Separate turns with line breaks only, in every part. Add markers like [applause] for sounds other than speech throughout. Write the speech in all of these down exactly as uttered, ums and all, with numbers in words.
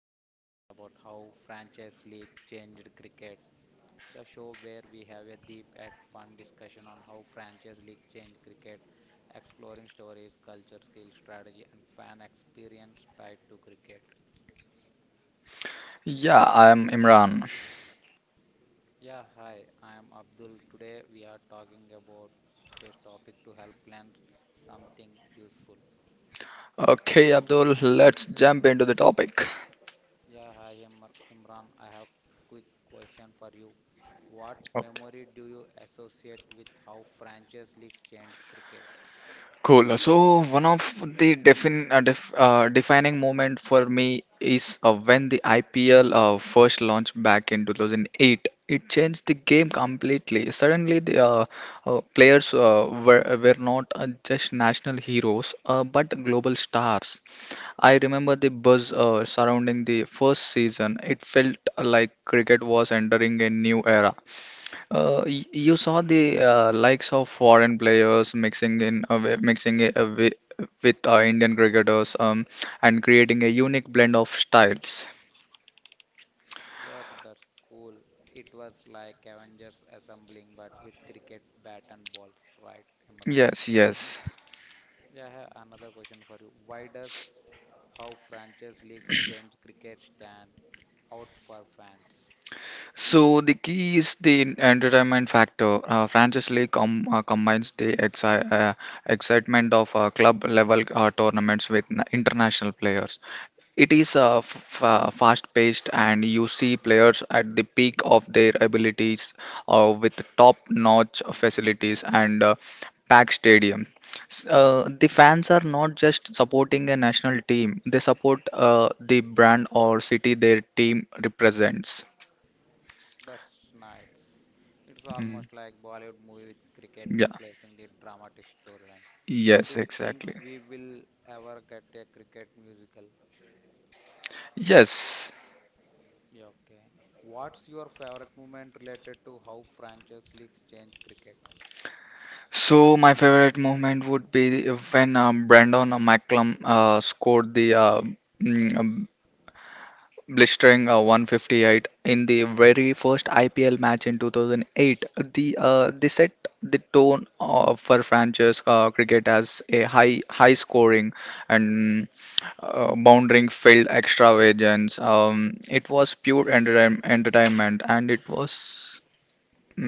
podcast about how franchise league changed cricket. The show where we have a deep and fun discussion on how franchise league changed cricket, exploring stories, culture, skill, strategy, and fan experience tied to cricket.
Yeah, I'm Imran.
Yeah, hi, I am Abdul. Today we are talking about today's topic to help plan something useful.
Okay, Abdul, let's jump into the topic.
Yeah, hi Imr- Imran. I have quick question for you. What
Okay.
memory do you associate with how franchise leagues changed cricket?
Cool. So one of the defin uh, def uh, defining moment for me is uh, when the I P L uh, first launched back in two thousand eight. It changed the game completely. Suddenly, the uh, uh, players uh, were were not uh, just national heroes, uh, but global stars. I remember the buzz uh, surrounding the first season. It felt like cricket was entering a new era. Uh, y- you saw the uh, likes of foreign players mixing in uh, wi- mixing it, uh, wi- with uh, Indian cricketers um, and creating a unique blend of styles.
Yes, that's cool. It was like Avengers assembling, but with cricket bat and balls, right, Imran?
Yes, yes.
Yeah, I have another question for you. Why does how franchise leagues change cricket stand out for fans?
So the key is the entertainment factor. Uh, Franchise League com uh, combines the exci uh, excitement of uh, club level uh, tournaments with na- international players. It is uh, f- uh, fast-paced, and you see players at the peak of their abilities uh, with top-notch facilities and uh, packed stadium. S- Uh, the fans are not just supporting a national team; they support uh, the brand or city their team represents.
That's nice. It's
Mm.
almost like Bollywood movie with cricket
Yeah.
replacing the dramatic storyline. So
Yes,
do you think
exactly.
we will ever get a cricket musical?
Yes.
Yeah, okay. What's your favorite moment related to how franchise leagues change cricket?
So my favorite moment would be when um, Brandon McCallum uh, scored the uh, mm, blistering uh, one fifty-eight in the very first I P L match in two thousand eight. The uh, they set the tone uh, for franchise uh, cricket as a high high scoring and uh, bounding field extravagance. Um, it was pure entertain entertainment and it was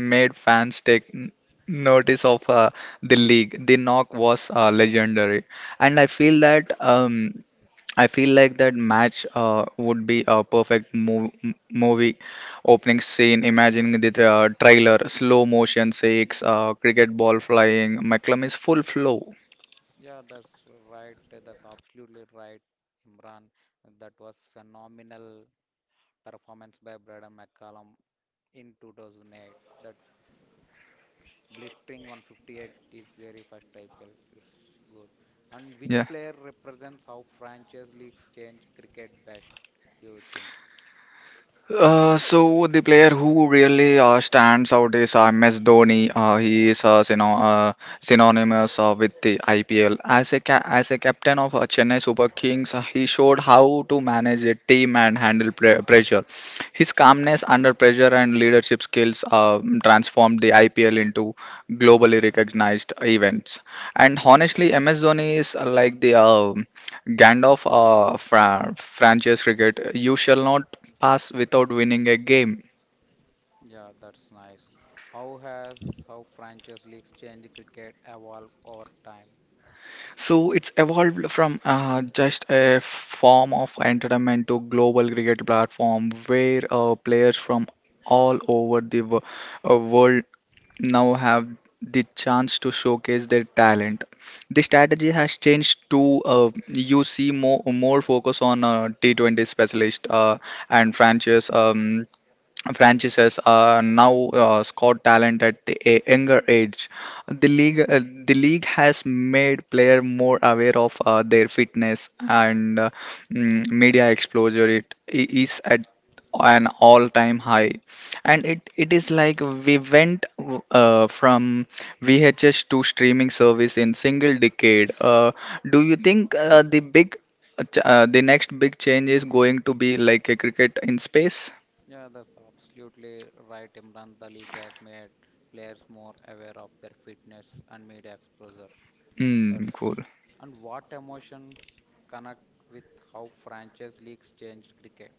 made fans take n- notice of uh, the league. The knock was uh, legendary, and I feel that. Um, I feel like that match uh, would be a perfect mov m- movie opening scene. Imagining the uh, trailer, slow motion shakes, uh, cricket ball flying. McClum is full flow.
Yeah, that's right. That's absolutely right, Imran. That was phenomenal performance by Braden McCallum in two thousand eight. That Blistering one fifty-eight is very first I P L. It's good. And which
Yeah.
player represents how franchise leagues change cricket best, do you think?
Uh, so the player who really uh, stands out is uh, M S Dhoni. Uh, he is uh, syno uh, synonymous uh, with the I P L. As a ca as a captain of uh, Chennai Super Kings, uh, he showed how to manage a team and handle pre pressure. His calmness under pressure and leadership skills uh, transformed the I P L into globally recognized events. And honestly, M S Dhoni is uh, like the uh, Gandalf uh, fra franchise cricket. You shall not us without winning a game.
Yeah, that's nice. How has how franchise leagues change cricket evolved over time?
So it's evolved from uh, just a form of entertainment to global cricket platform where uh, players from all over the wo- uh, world now have the chance to showcase their talent. The strategy has changed to uh, you see more more focus on uh, T twenty specialist uh, and franchise. Um, franchises are now uh, scout talent at the a- younger age. The league, uh, the league has made player more aware of uh, their fitness and uh, mm, media exposure. It i- is at an all-time high, and it it is like we went uh, from V H S to streaming service in single decade. Uh, do you think uh, the big uh, ch- uh, the next big change is going to be like a cricket in space?
Yeah, that's absolutely right, Imran. The league has made players more aware of their fitness and media exposure. That's
Mm, cool.
and what emotions connect with how franchise leagues change cricket?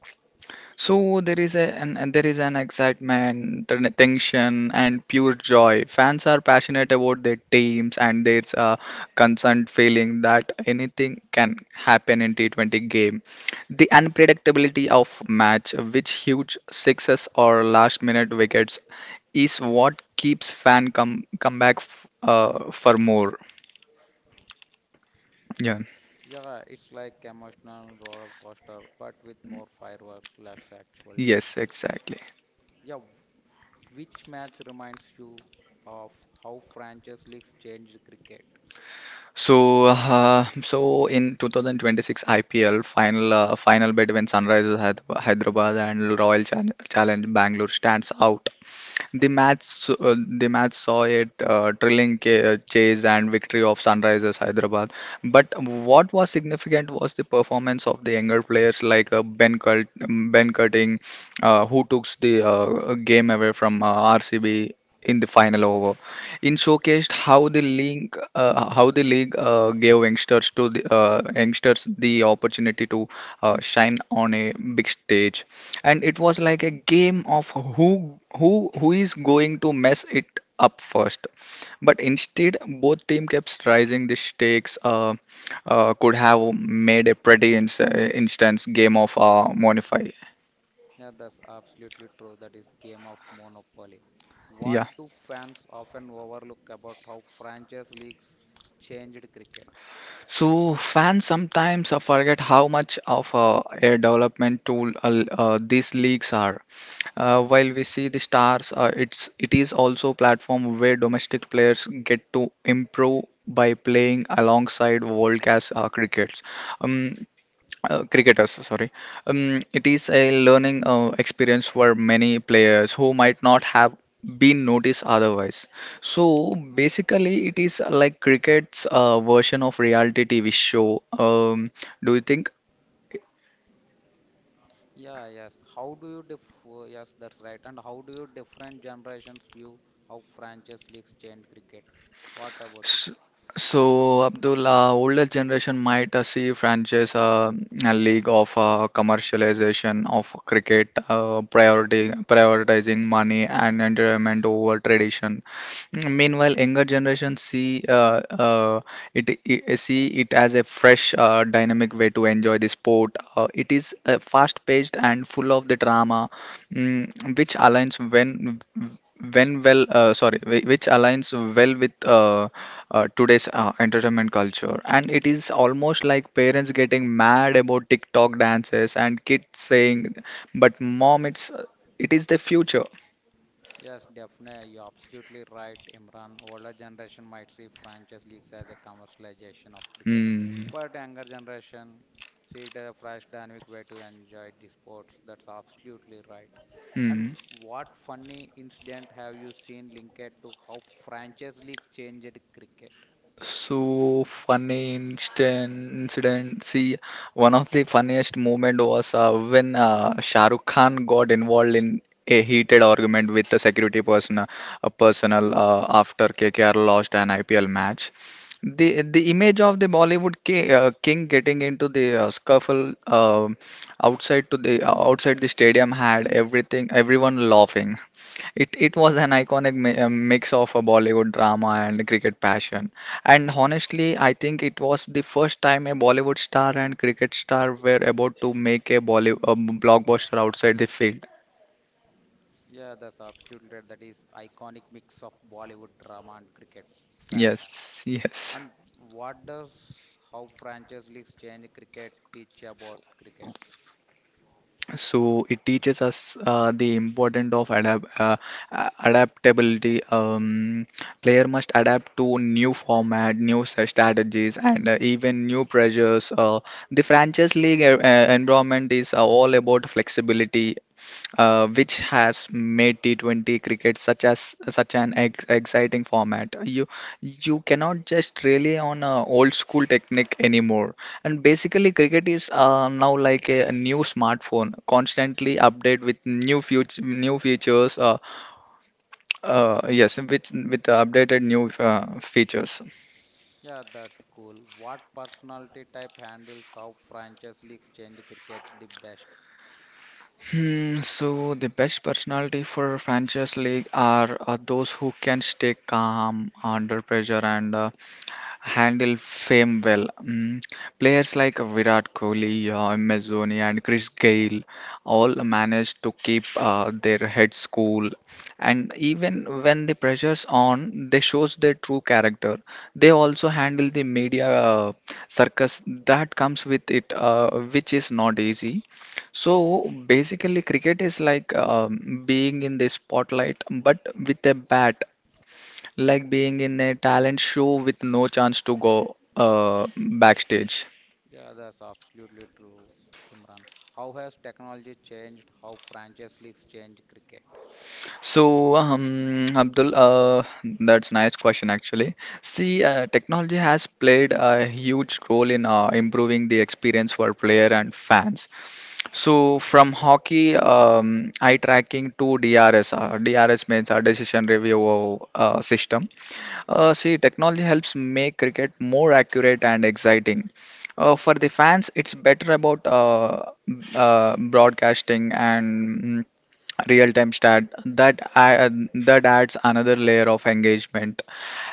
So there is a an, and there is an excitement, and tension, and pure joy. Fans are passionate about their teams, and there's a concerned feeling that anything can happen in T twenty game. The unpredictability of match, which huge sixes or last-minute wickets, is what keeps fan come come back f uh, for more. Yeah.
Yeah, it's like emotional roller coaster, but with more fireworks, less actual danger.
Yes, exactly.
Yeah, wh- which match reminds you of how franchise leagues changed cricket?
So, uh, so in two thousand twenty-six I P L final uh, final bet when Sunrisers Hyder- Hyderabad and Royal Chal- Challenge Bangalore stands out the match, uh, the match saw it uh, thrilling ca- uh, chase and victory of Sunrisers Hyderabad. But what was significant was the performance of the younger players like uh, Ben Cult, um, Ben Cutting, uh, who took the uh, game away from uh, R C B in the final over. In showcased how the league, uh, how the league uh, gave youngsters to the uh, youngsters the opportunity to uh, shine on a big stage and it was like a game of who who who is going to mess it up first. But instead, both team kept raising the stakes. Uh, uh, could have made a pretty ins instance game of uh, Monify.
Yeah, that's absolutely true. That is game of monopoly. What
Yeah.
do fans often overlook about how franchise leagues changed cricket?
So fans sometimes uh, forget how much of uh, a development tool uh, uh, these leagues are. Uh, while we see the stars, uh, it's it is also a platform where domestic players get to improve by playing alongside world-class uh, crickets. Um, uh, Cricketers, sorry. Um, it is a learning uh, experience for many players who might not have been noticed otherwise. So basically, it is like cricket's uh, version of reality T V show. Um, do you think?
Yeah, yes. How do you def yes, that's right. And how do you different generations view how franchise leagues changed cricket? What about you?
S- So, Abdul, uh, older generation might uh, see franchise uh, a league of uh, commercialization of cricket, uh, priority, prioritizing money and entertainment over tradition. Mm, Meanwhile, younger generation see uh, uh, it, I see it as a fresh, uh, dynamic way to enjoy the sport. Uh, it is uh, fast-paced and full of the drama, mm, which aligns when when well uh, sorry whi- which aligns well with uh, uh, today's uh, entertainment culture. And it is almost like parents getting mad about TikTok dances and kids saying, "But mom, it's it is the future."
Yes, definitely. You're absolutely right, Imran. Older generation might see franchise leagues as a commercialization of cricket,
Hmm.
but younger generation see it as a fresh, dynamic way to enjoy the sports. That's absolutely right. And
Hmm.
what funny incident have you seen linked to how franchise leagues changed cricket?
So funny instant incident. See, one of the funniest moment was uh, when uh, Shah Rukh Khan got involved in a heated argument with the security person, a personnel uh, after K K R lost an I P L match. The the image of the Bollywood ki- uh, king getting into the uh, scuffle uh, outside to the uh, outside the stadium had everything everyone laughing. It it was an iconic mi uh, mix of a Bollywood drama and cricket passion. And honestly, I think it was the first time a Bollywood star and cricket star were about to make a Bollywood blockbuster outside the field.
Yeah, that's absolutely right. That is iconic mix of Bollywood drama and cricket fashion.
Yes, yes.
And what does how franchise leagues change cricket teach about cricket?
So it teaches us uh, the importance of adapt uh, uh, adaptability um, player must adapt to new format new s- strategies and uh, even new pressures uh, the franchise league uh, uh, environment is uh, all about flexibility uh, which has made T twenty cricket such as such an ex exciting format. You you cannot just rely on a old school technique anymore. And basically, cricket is uh, now like a, a new smartphone, constantly update with new future new features. Uh, uh, yes, with with updated new uh, features.
Yeah, that's cool. What personality type handles how franchise leagues change cricket the best?
Hmm, so the best personality for franchise league are uh, those who can stay calm under pressure and uh, handle fame well. Mm, players like Virat Kohli, uh, M S Dhoni, and Chris Gayle all managed to keep uh, their heads cool. And even when the pressure's on, they shows their true character. They also handle the media uh, circus that comes with it, uh, which is not easy. So basically, cricket is like um, being in the spotlight, but with a bat, like being in a talent show with no chance to go uh, backstage.
Yeah, that's absolutely true, Imran. How has technology changed how franchise leagues change cricket?
So, um, Abdul, uh, that's nice question actually. See, uh, technology has played a huge role in uh, improving the experience for player and fans. So, from hockey um, eye tracking to D R S, uh, D R S means a decision review uh, system. Uh, see, technology helps make cricket more accurate and exciting. Uh, for the fans, it's better about uh, uh, broadcasting and mm, real-time stat that add, that adds another layer of engagement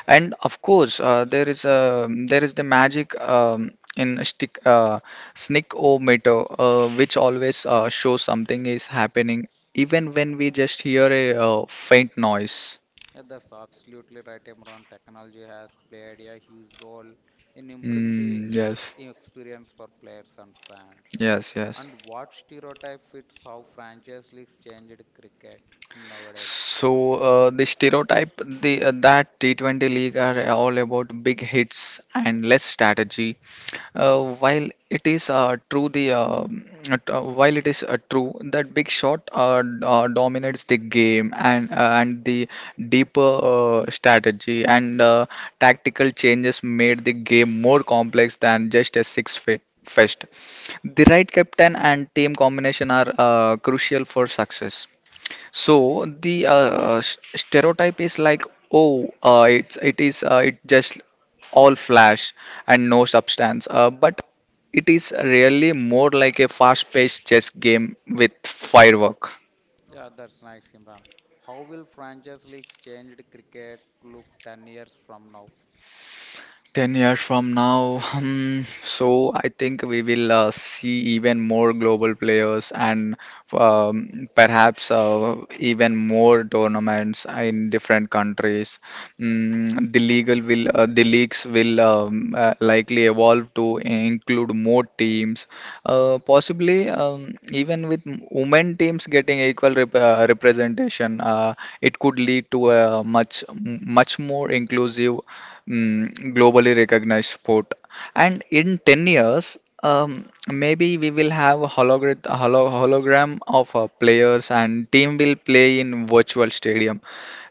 and of course uh, there is a there is the magic um, in a stick uh, snick o meter uh, which always uh, shows something is happening even when we just hear a uh, faint noise.
Yeah, that's absolutely right, Imran. Technology has played a huge role in improving the
Mm, yes,
experience for players and fans.
yes, yes.
And what stereotype fits how franchise leagues changed cricket in nowadays?
So uh, the stereotype the, uh, that T twenty league are all about big hits and less strategy. Uh, while it is uh, true the um, at- uh, While it is uh, true that big shot uh, d- uh, dominates the game and uh, and the deeper uh, strategy and uh, tactical changes made the game more complex than just a six fit fest. The right captain and team combination are uh, crucial for success. So the uh, s- stereotype is like, oh, uh, it's it is uh, it just all flash and no substance. Uh, but it is really more like a fast-paced chess game with firework.
Yeah, that's nice, Imran. How will franchise leagues change the cricket look ten years from now?
10 years from now, [laughs] hmm, so I think we will uh, see even more global players and um, perhaps uh, even more tournaments in different countries. Mm, the legal will, uh, the leagues will um, uh, likely evolve to include more teams, uh, possibly um, even with women teams getting equal rep uh, representation. Uh, it could lead to a much, much more inclusive mm, globally recognized sport. And in 10 years, um, maybe we will have a hologra- holo- hologram of uh, players and team will play in virtual stadium.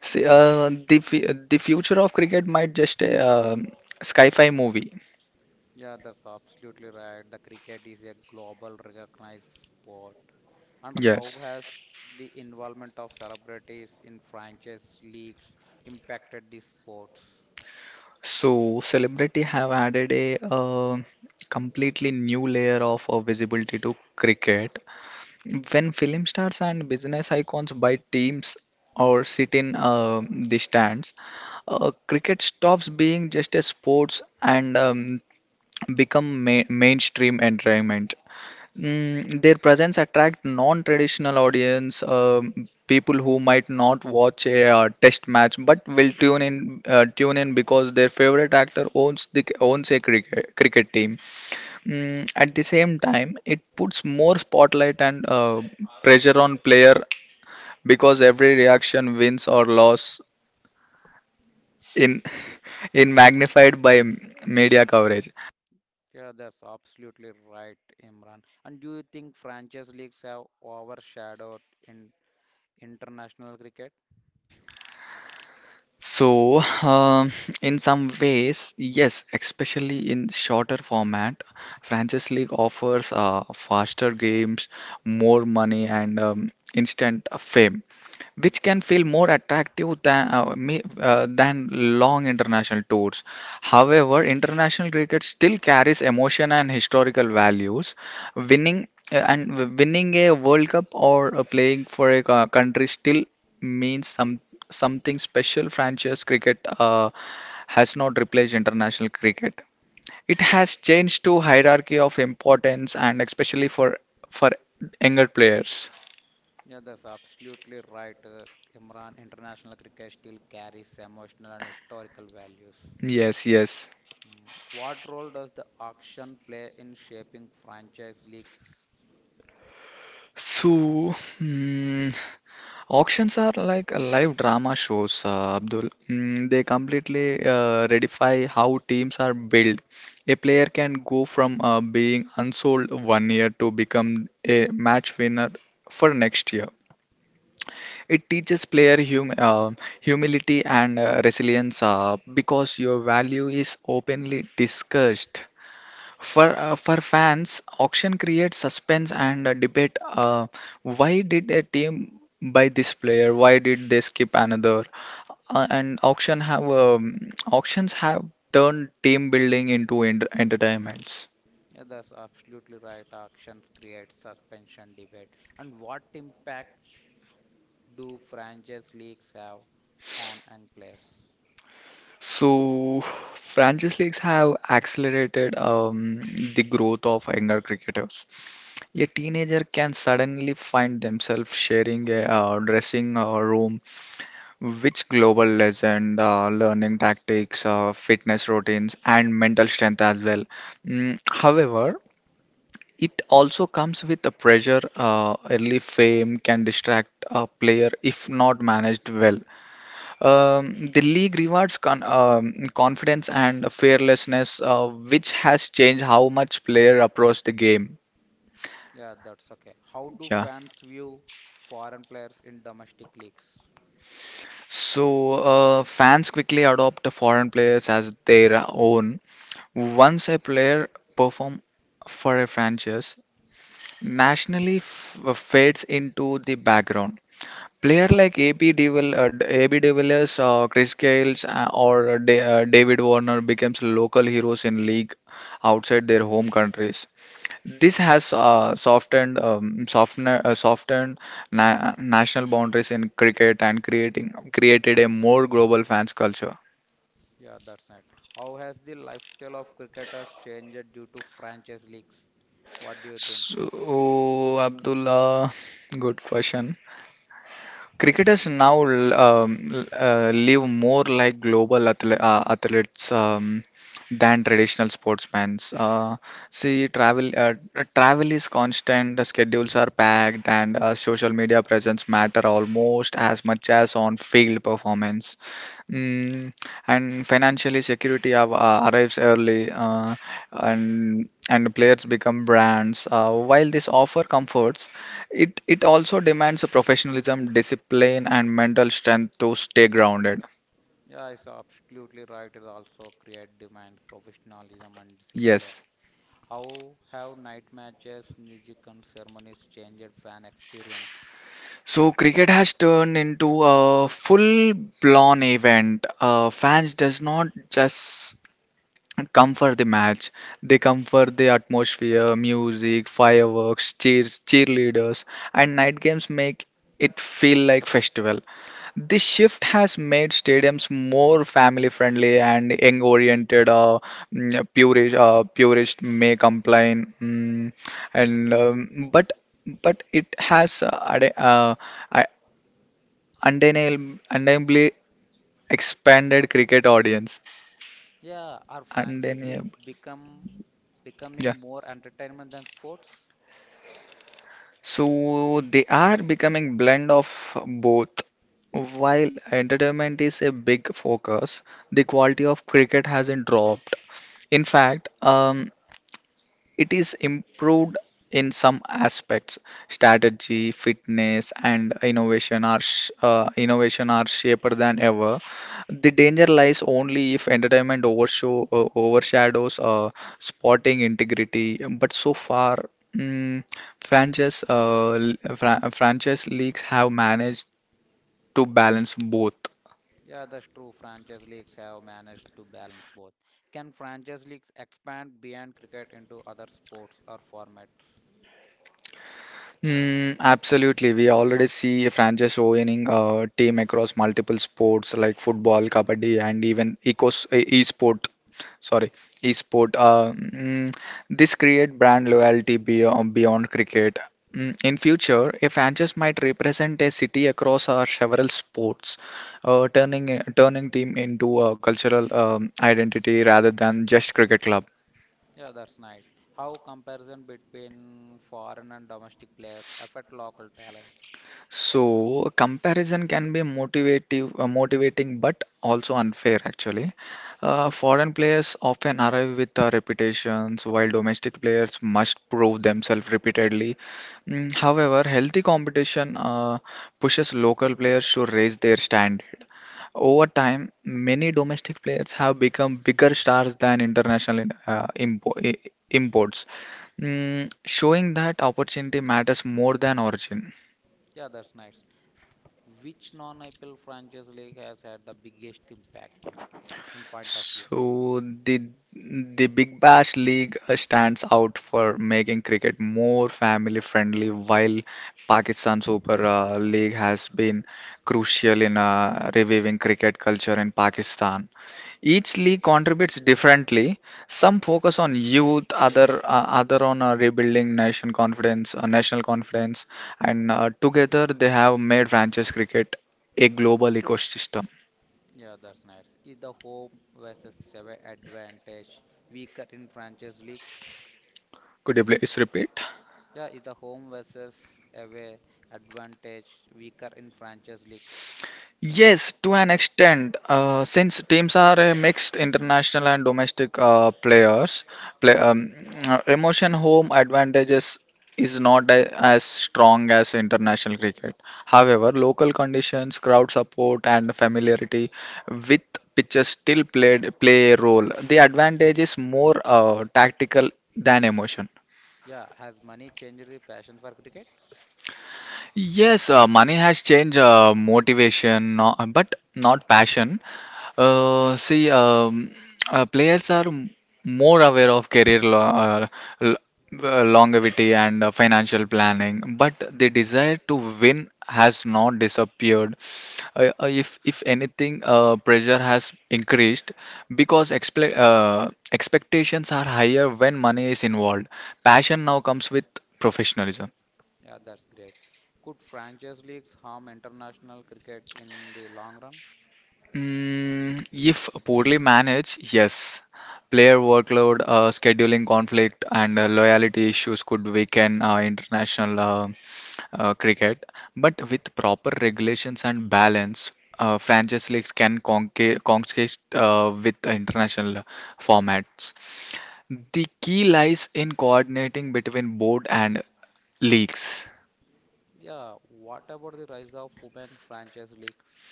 See, uh, the, fu- the future of cricket might just a um sci-fi movie.
Yeah, that's absolutely right. The cricket is a global recognized sport. And how
Yes.
has the involvement of celebrities in franchise leagues impacted the sports?
So celebrity have added a uh, completely new layer of uh, visibility to cricket. When film stars and business icons buy teams or sit in uh, the stands, uh, cricket stops being just a sports and um, become ma- mainstream entertainment. Mm, their presence attract non-traditional audience, um, people who might not watch a uh, test match but will tune in, uh, tune in because their favorite actor owns the owns a cricket cricket team. Mm, at the same time, it puts more spotlight and uh, pressure on player because every reaction wins or loss in in magnified by m- media coverage.
Yeah, that's absolutely right, Imran. And do you think franchise leagues have overshadowed in international cricket?
So, um, in some ways, yes, especially in shorter format, franchise league offers uh, faster games, more money, and um, instant fame, which can feel more attractive than uh, me- uh, than long international tours. However, international cricket still carries emotion and historical values. Winning uh, and w- winning a World Cup or uh, playing for a co- country still means some something special. Franchise cricket uh, has not replaced international cricket. It has changed to hierarchy of importance and especially for for younger players.
Yeah, that's absolutely right. Uh, Imran, international cricket still carries emotional and historical values.
Yes, yes.
Mm. What role does the auction play in shaping franchise leagues?
So, hmm, Auctions are like a live drama shows, uh, Abdul. Mm, they completely uh, redefine how teams are built. A player can go from uh, being unsold one year to become a match winner for next year. It teaches player hum uh, humility and uh, resilience uh, because your value is openly discussed. For uh, for fans, auction creates suspense and a debate. Uh, why did a team buy this player? Why did they skip another? Uh, and auction have um, auctions have turned team building into ent entertainments.
Yeah, that's absolutely right. Auctions create suspension debate. And what impact do franchise leagues have on young players?
So franchise leagues have accelerated um, the growth of younger cricketers. A teenager can suddenly find themselves sharing a uh, dressing uh, room which global legend, uh, learning tactics, uh, fitness routines, and mental strength as well. Mm, however, it also comes with a pressure. Uh, early fame can distract a player if not managed well. Um, the league rewards con- um, confidence and fearlessness, uh, which has changed how much player approach the game.
Yeah, that's okay. How do
Yeah.
fans view foreign players in domestic leagues?
So uh, fans quickly adopt the foreign players as their own. Once a player performs for a franchise, nationally f- uh, fades into the background. Player like A P Devil, uh, A B de Villiers, uh, Chris Gales, uh, or uh, Da- uh, David Warner becomes local heroes in league outside their home countries. This has uh, softened, um, softener, uh, softened na- national boundaries in cricket and creating created a more global fans culture.
Yeah, that's right. How has the lifestyle of cricketers changed due to franchise leagues? What do you think?
So, Abdullah, good question. Cricketers now l- um, uh, live more like global athle uh, athletes um, than traditional sportsmen. Uh, see, travel uh, travel is constant, the schedules are packed, and uh, social media presence matter almost as much as on-field performance. Mm, and financially security av- uh, arrives early, uh, and and players become brands. Uh, while this offer comforts, it it also demands professionalism, discipline and mental strength to stay grounded.
Yeah, it's absolutely right. It also create demand, professionalism, and discipline.
Yes.
How have night matches, music, and ceremonies changed fan experience?
So cricket has turned into a full blown event. Uh, fans does not just come for the match. They come for the atmosphere, music, fireworks, cheers, cheerleaders, and night games make it feel like festival. This shift has made stadiums more family friendly and young oriented. Uh, mm, purist, uh, purist may complain, mm, and um, but but it has uh, ade- uh, I- undeniable- undeniably expanded cricket audience.
Yeah, are franchise leagues
Undeniable,
become
yeah.
becoming more entertainment than sports?
So they are becoming blend of both. While entertainment is a big focus, the quality of cricket hasn't dropped. In fact, um, it is improved in some aspects. Strategy, fitness, and innovation are sh- uh, innovation are shaper than ever. The danger lies only if entertainment overshaw- uh, overshadows uh, sporting integrity. But so far, mm, franchise uh, l- fran- franchise leagues have managed to balance both.
Yeah, that's true. Franchise leagues have managed to balance both. Can franchise leagues expand beyond cricket into other sports or formats?
Mm, absolutely. We already see franchise owning a team across multiple sports like football, kabaddi, and even ecos e- e-sport. Sorry, e-sport. Uh, mm, this create brand loyalty beyond, beyond cricket. Mm, in future, a franchise might represent a city across our several sports, uh, turning turning team into a cultural um, identity rather than just cricket club.
Yeah, that's nice. How comparison between foreign and domestic players affect local talent?
So comparison can be motivative, uh, motivating, but also unfair actually. Uh, foreign players often arrive with uh, reputations, while domestic players must prove themselves repeatedly. Mm, however, healthy competition uh, pushes local players to raise their standard. Over time, many domestic players have become bigger stars than international uh, impo- i- imports, Mm, showing that opportunity matters more than origin.
Yeah, that's nice. Which non-I P L franchise league has had the biggest impact in point of view?
So the the Big Bash League uh, stands out for making cricket more family friendly, while Pakistan Super uh, League has been crucial in uh, reviving cricket culture in Pakistan. Each league contributes differently. Some focus on youth, other uh, other on uh, rebuilding nation confidence, uh, national confidence, and uh, together they have made franchise cricket a global ecosystem.
Yeah, that's nice. Is the home versus away advantage weaker in franchise leagues?
Could you please repeat?
Yeah, is the home versus away advantage weaker in franchise league?
Yes, to an extent, uh, since teams are a mixed international and domestic uh, players, play, um, uh, emotion home advantages is not a, as strong as international cricket. However, local conditions, crowd support, and familiarity with pitches still played play a role. The advantage is more uh, tactical than emotion.
Yeah, has money changed the passion for cricket?
Yes, uh, money has changed uh, motivation, no, but not passion. Uh, see, um, uh, players are m- more aware of career lo uh, l uh, longevity and uh, financial planning, but the desire to win has not disappeared. Uh, uh, if if anything, uh, pressure has increased because expe uh, expectations are higher when money is involved. Passion now comes with professionalism.
Yeah, that's great. Could franchise leagues harm international cricket in the long run?
Mm, if poorly managed, yes. Player workload, uh, scheduling conflict, and uh, loyalty issues could weaken uh, international uh, uh, cricket. But with proper regulations and balance, uh, franchise leagues can conca- conquest uh, with international formats. The key lies in coordinating between board and leagues.
Yeah, what about the rise of women's franchise leagues?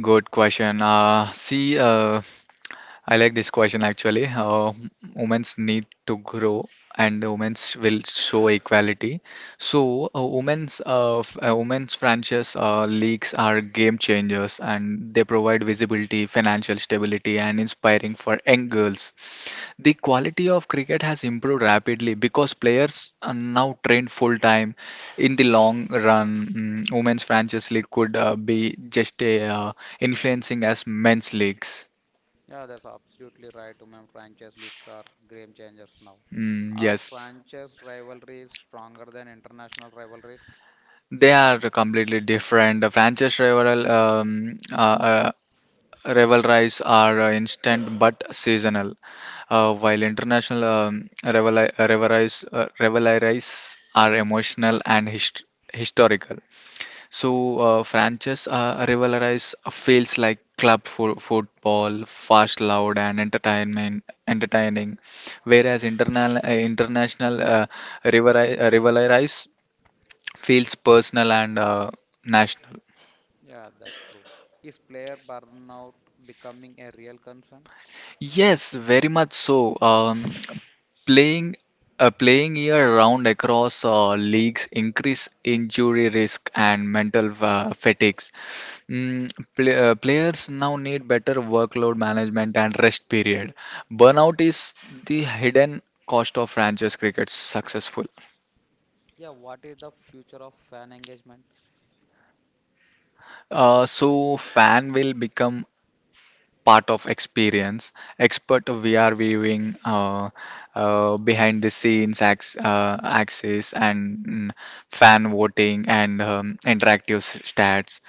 Good question. Uh, see, uh, I like this question actually. Uh, women's need to grow and women's will show equality.
Yes.
So uh, women's uh, f- uh, women's franchise uh, leagues are game changers and they provide visibility, financial stability, and inspiring for young girls. The quality of cricket has improved rapidly because players are now trained full time. In the long run, mm, women's franchise league could uh, be just a uh, influencing as men's leagues.
Yeah, that's absolutely right. Women franchise leagues are game changers now.
Mm,
Are
yes,
franchise rivalries stronger than international rivalries?
they are completely different. The franchise rival um, uh, uh, rivalries are uh, instant but seasonal, uh, while international um, rivalri- rivalries uh, rivalries are emotional and hist historical. So uh, franchise uh, rivalries feels like club for football, fast, loud, and entertainment entertaining, whereas internal uh, international uh, rivalri- uh, rivalries feels personal and uh, national.
Yeah, that's true. Is player burnout becoming a real concern?
Yes, very much so. Um, playing uh, playing year round across uh, leagues increase injury risk and mental uh, fatigues. Mm, play, uh, Players now need better workload management and rest period. Burnout is the hidden cost of franchise cricket's successful.
Yeah, what is the future of fan engagement?
Uh, so fan will become part of experience expert vr viewing, uh, uh, behind the scenes ac- uh, access and mm, fan voting and um, interactive s- stats.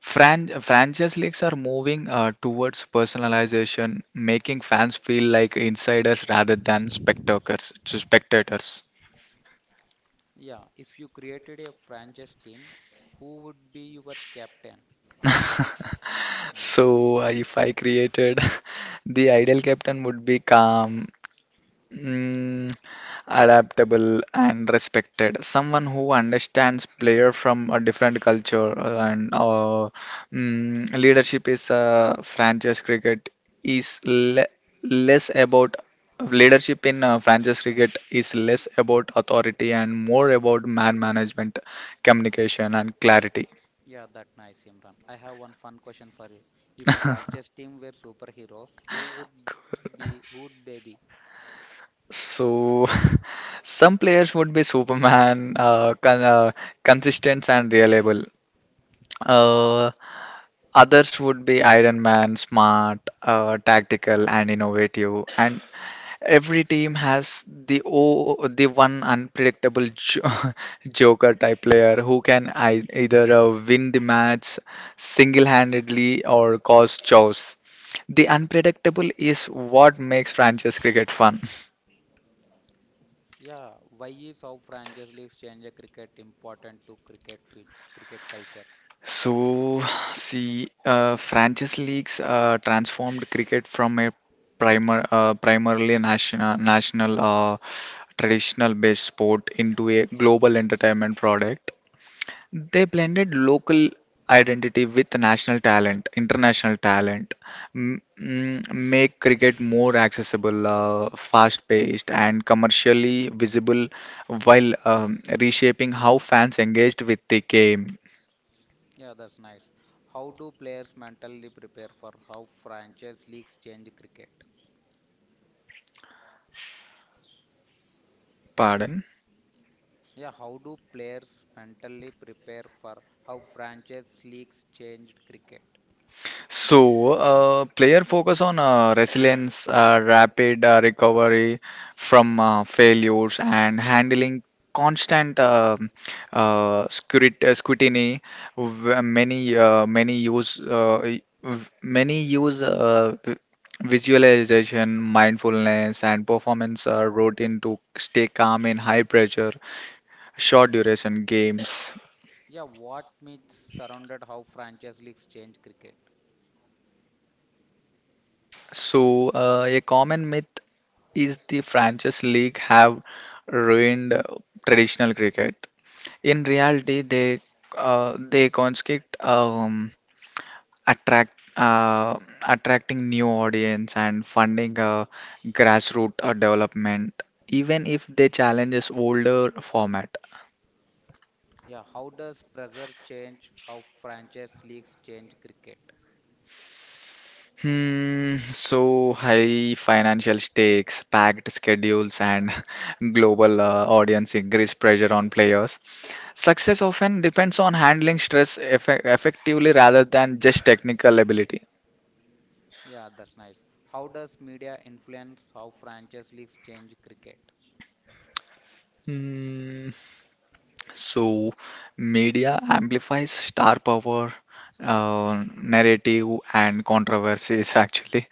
Fran- franchise leagues are moving uh, towards personalization, making fans feel like insiders rather than spectators spectators.
Yeah, if you created a franchise team, who would be your captain? Hmm.
So uh, if I created [laughs] the ideal captain would be calm, Mm, adaptable and respected. Someone who understands player from a different culture uh, and uh, mm, leadership is uh, franchise cricket is le less about leadership in uh, franchise cricket is less about authority and more about man management, communication and clarity.
Yeah, that nice, Imran. I have one fun question for you. If franchise team were superheroes, who would be who would they be?
So, [laughs] some players would be Superman, uh, con uh, consistent and reliable. Uh, Others would be Iron Man, smart, uh, tactical, and innovative. And every team has the o the one unpredictable jo [laughs] Joker type player who can ei- either uh, win the match single-handedly or cause chaos. The unpredictable is what makes franchise cricket fun.
Yeah, why is how franchise leagues change a cricket important to cricket fit, cricket culture?
So, see, uh, franchise leagues uh, transformed cricket from a primer, uh, primarily national, national uh, traditional based sport into a global entertainment product. They blended local identity with national talent, international talent, m mm, make cricket more accessible, uh, fast paced, and commercially visible while um, reshaping how fans engaged with the game.
Yeah, that's nice. How do players mentally prepare for how franchise leagues change cricket?
Pardon.
Yeah, how do players mentally prepare for how franchise leagues changed cricket?
So uh, player focus on uh, resilience, uh, rapid uh, recovery from uh, failures, and handling constant um uh, scrut- uh, scrutiny. W- Many uh, many use uh, y- v- many use uh, v- visualization, mindfulness, and performance uh, routine to stay calm in high pressure, short duration games.
Yeah, what myths surrounded how franchise leagues change cricket?
So uh, a common myth is the franchise league have ruined uh, traditional cricket. In reality, they uh, they conscript um, attract uh, attracting new audience and funding uh, grassroots uh, development, even if they challenges older format.
Yeah, how does pressure change how franchise leagues change cricket?
Hmm, so high financial stakes, packed schedules, and [laughs] global uh, audience increase pressure on players. Success often depends on handling stress effe- effectively rather than just technical ability.
Yeah, that's nice. How does media influence how franchise leagues change cricket?
Hmm, So media amplifies star power, uh, narrative, and controversies actually.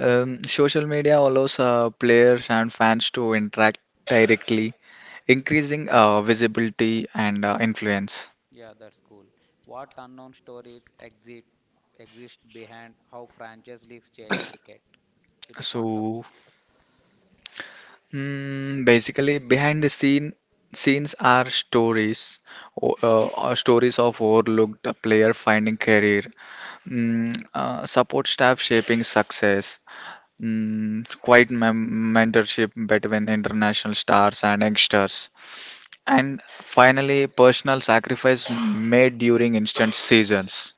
Um, social media allows uh, players and fans to interact directly, increasing uh, visibility and uh, influence.
Yeah, that's cool. What unknown stories exist exist behind how franchise leagues change cricket? It's point of view.
So, Mm, basically, behind the scene scenes are stories o- uh, uh, stories of overlooked player finding career, mm, uh, support staff shaping success, mm, quiet mem mentorship between international stars and youngsters, and finally, personal sacrifice made during instant seasons.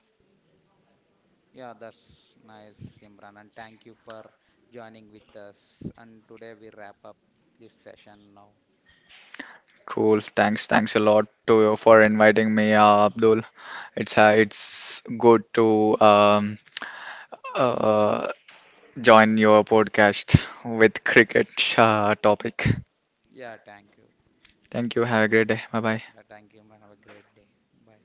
Yeah, that's nice, Simran, and thank you for joining with us. And today we wrap up this session now.
Cool. Thanks. Thanks a lot to you for inviting me, uh, Abdul. It's uh, it's good to um, uh, join your podcast with cricket uh, topic.
Yeah, thank you.
Thank you. Have a great day. Bye bye.
Yeah, thank you, Imran. Have a great day. Bye.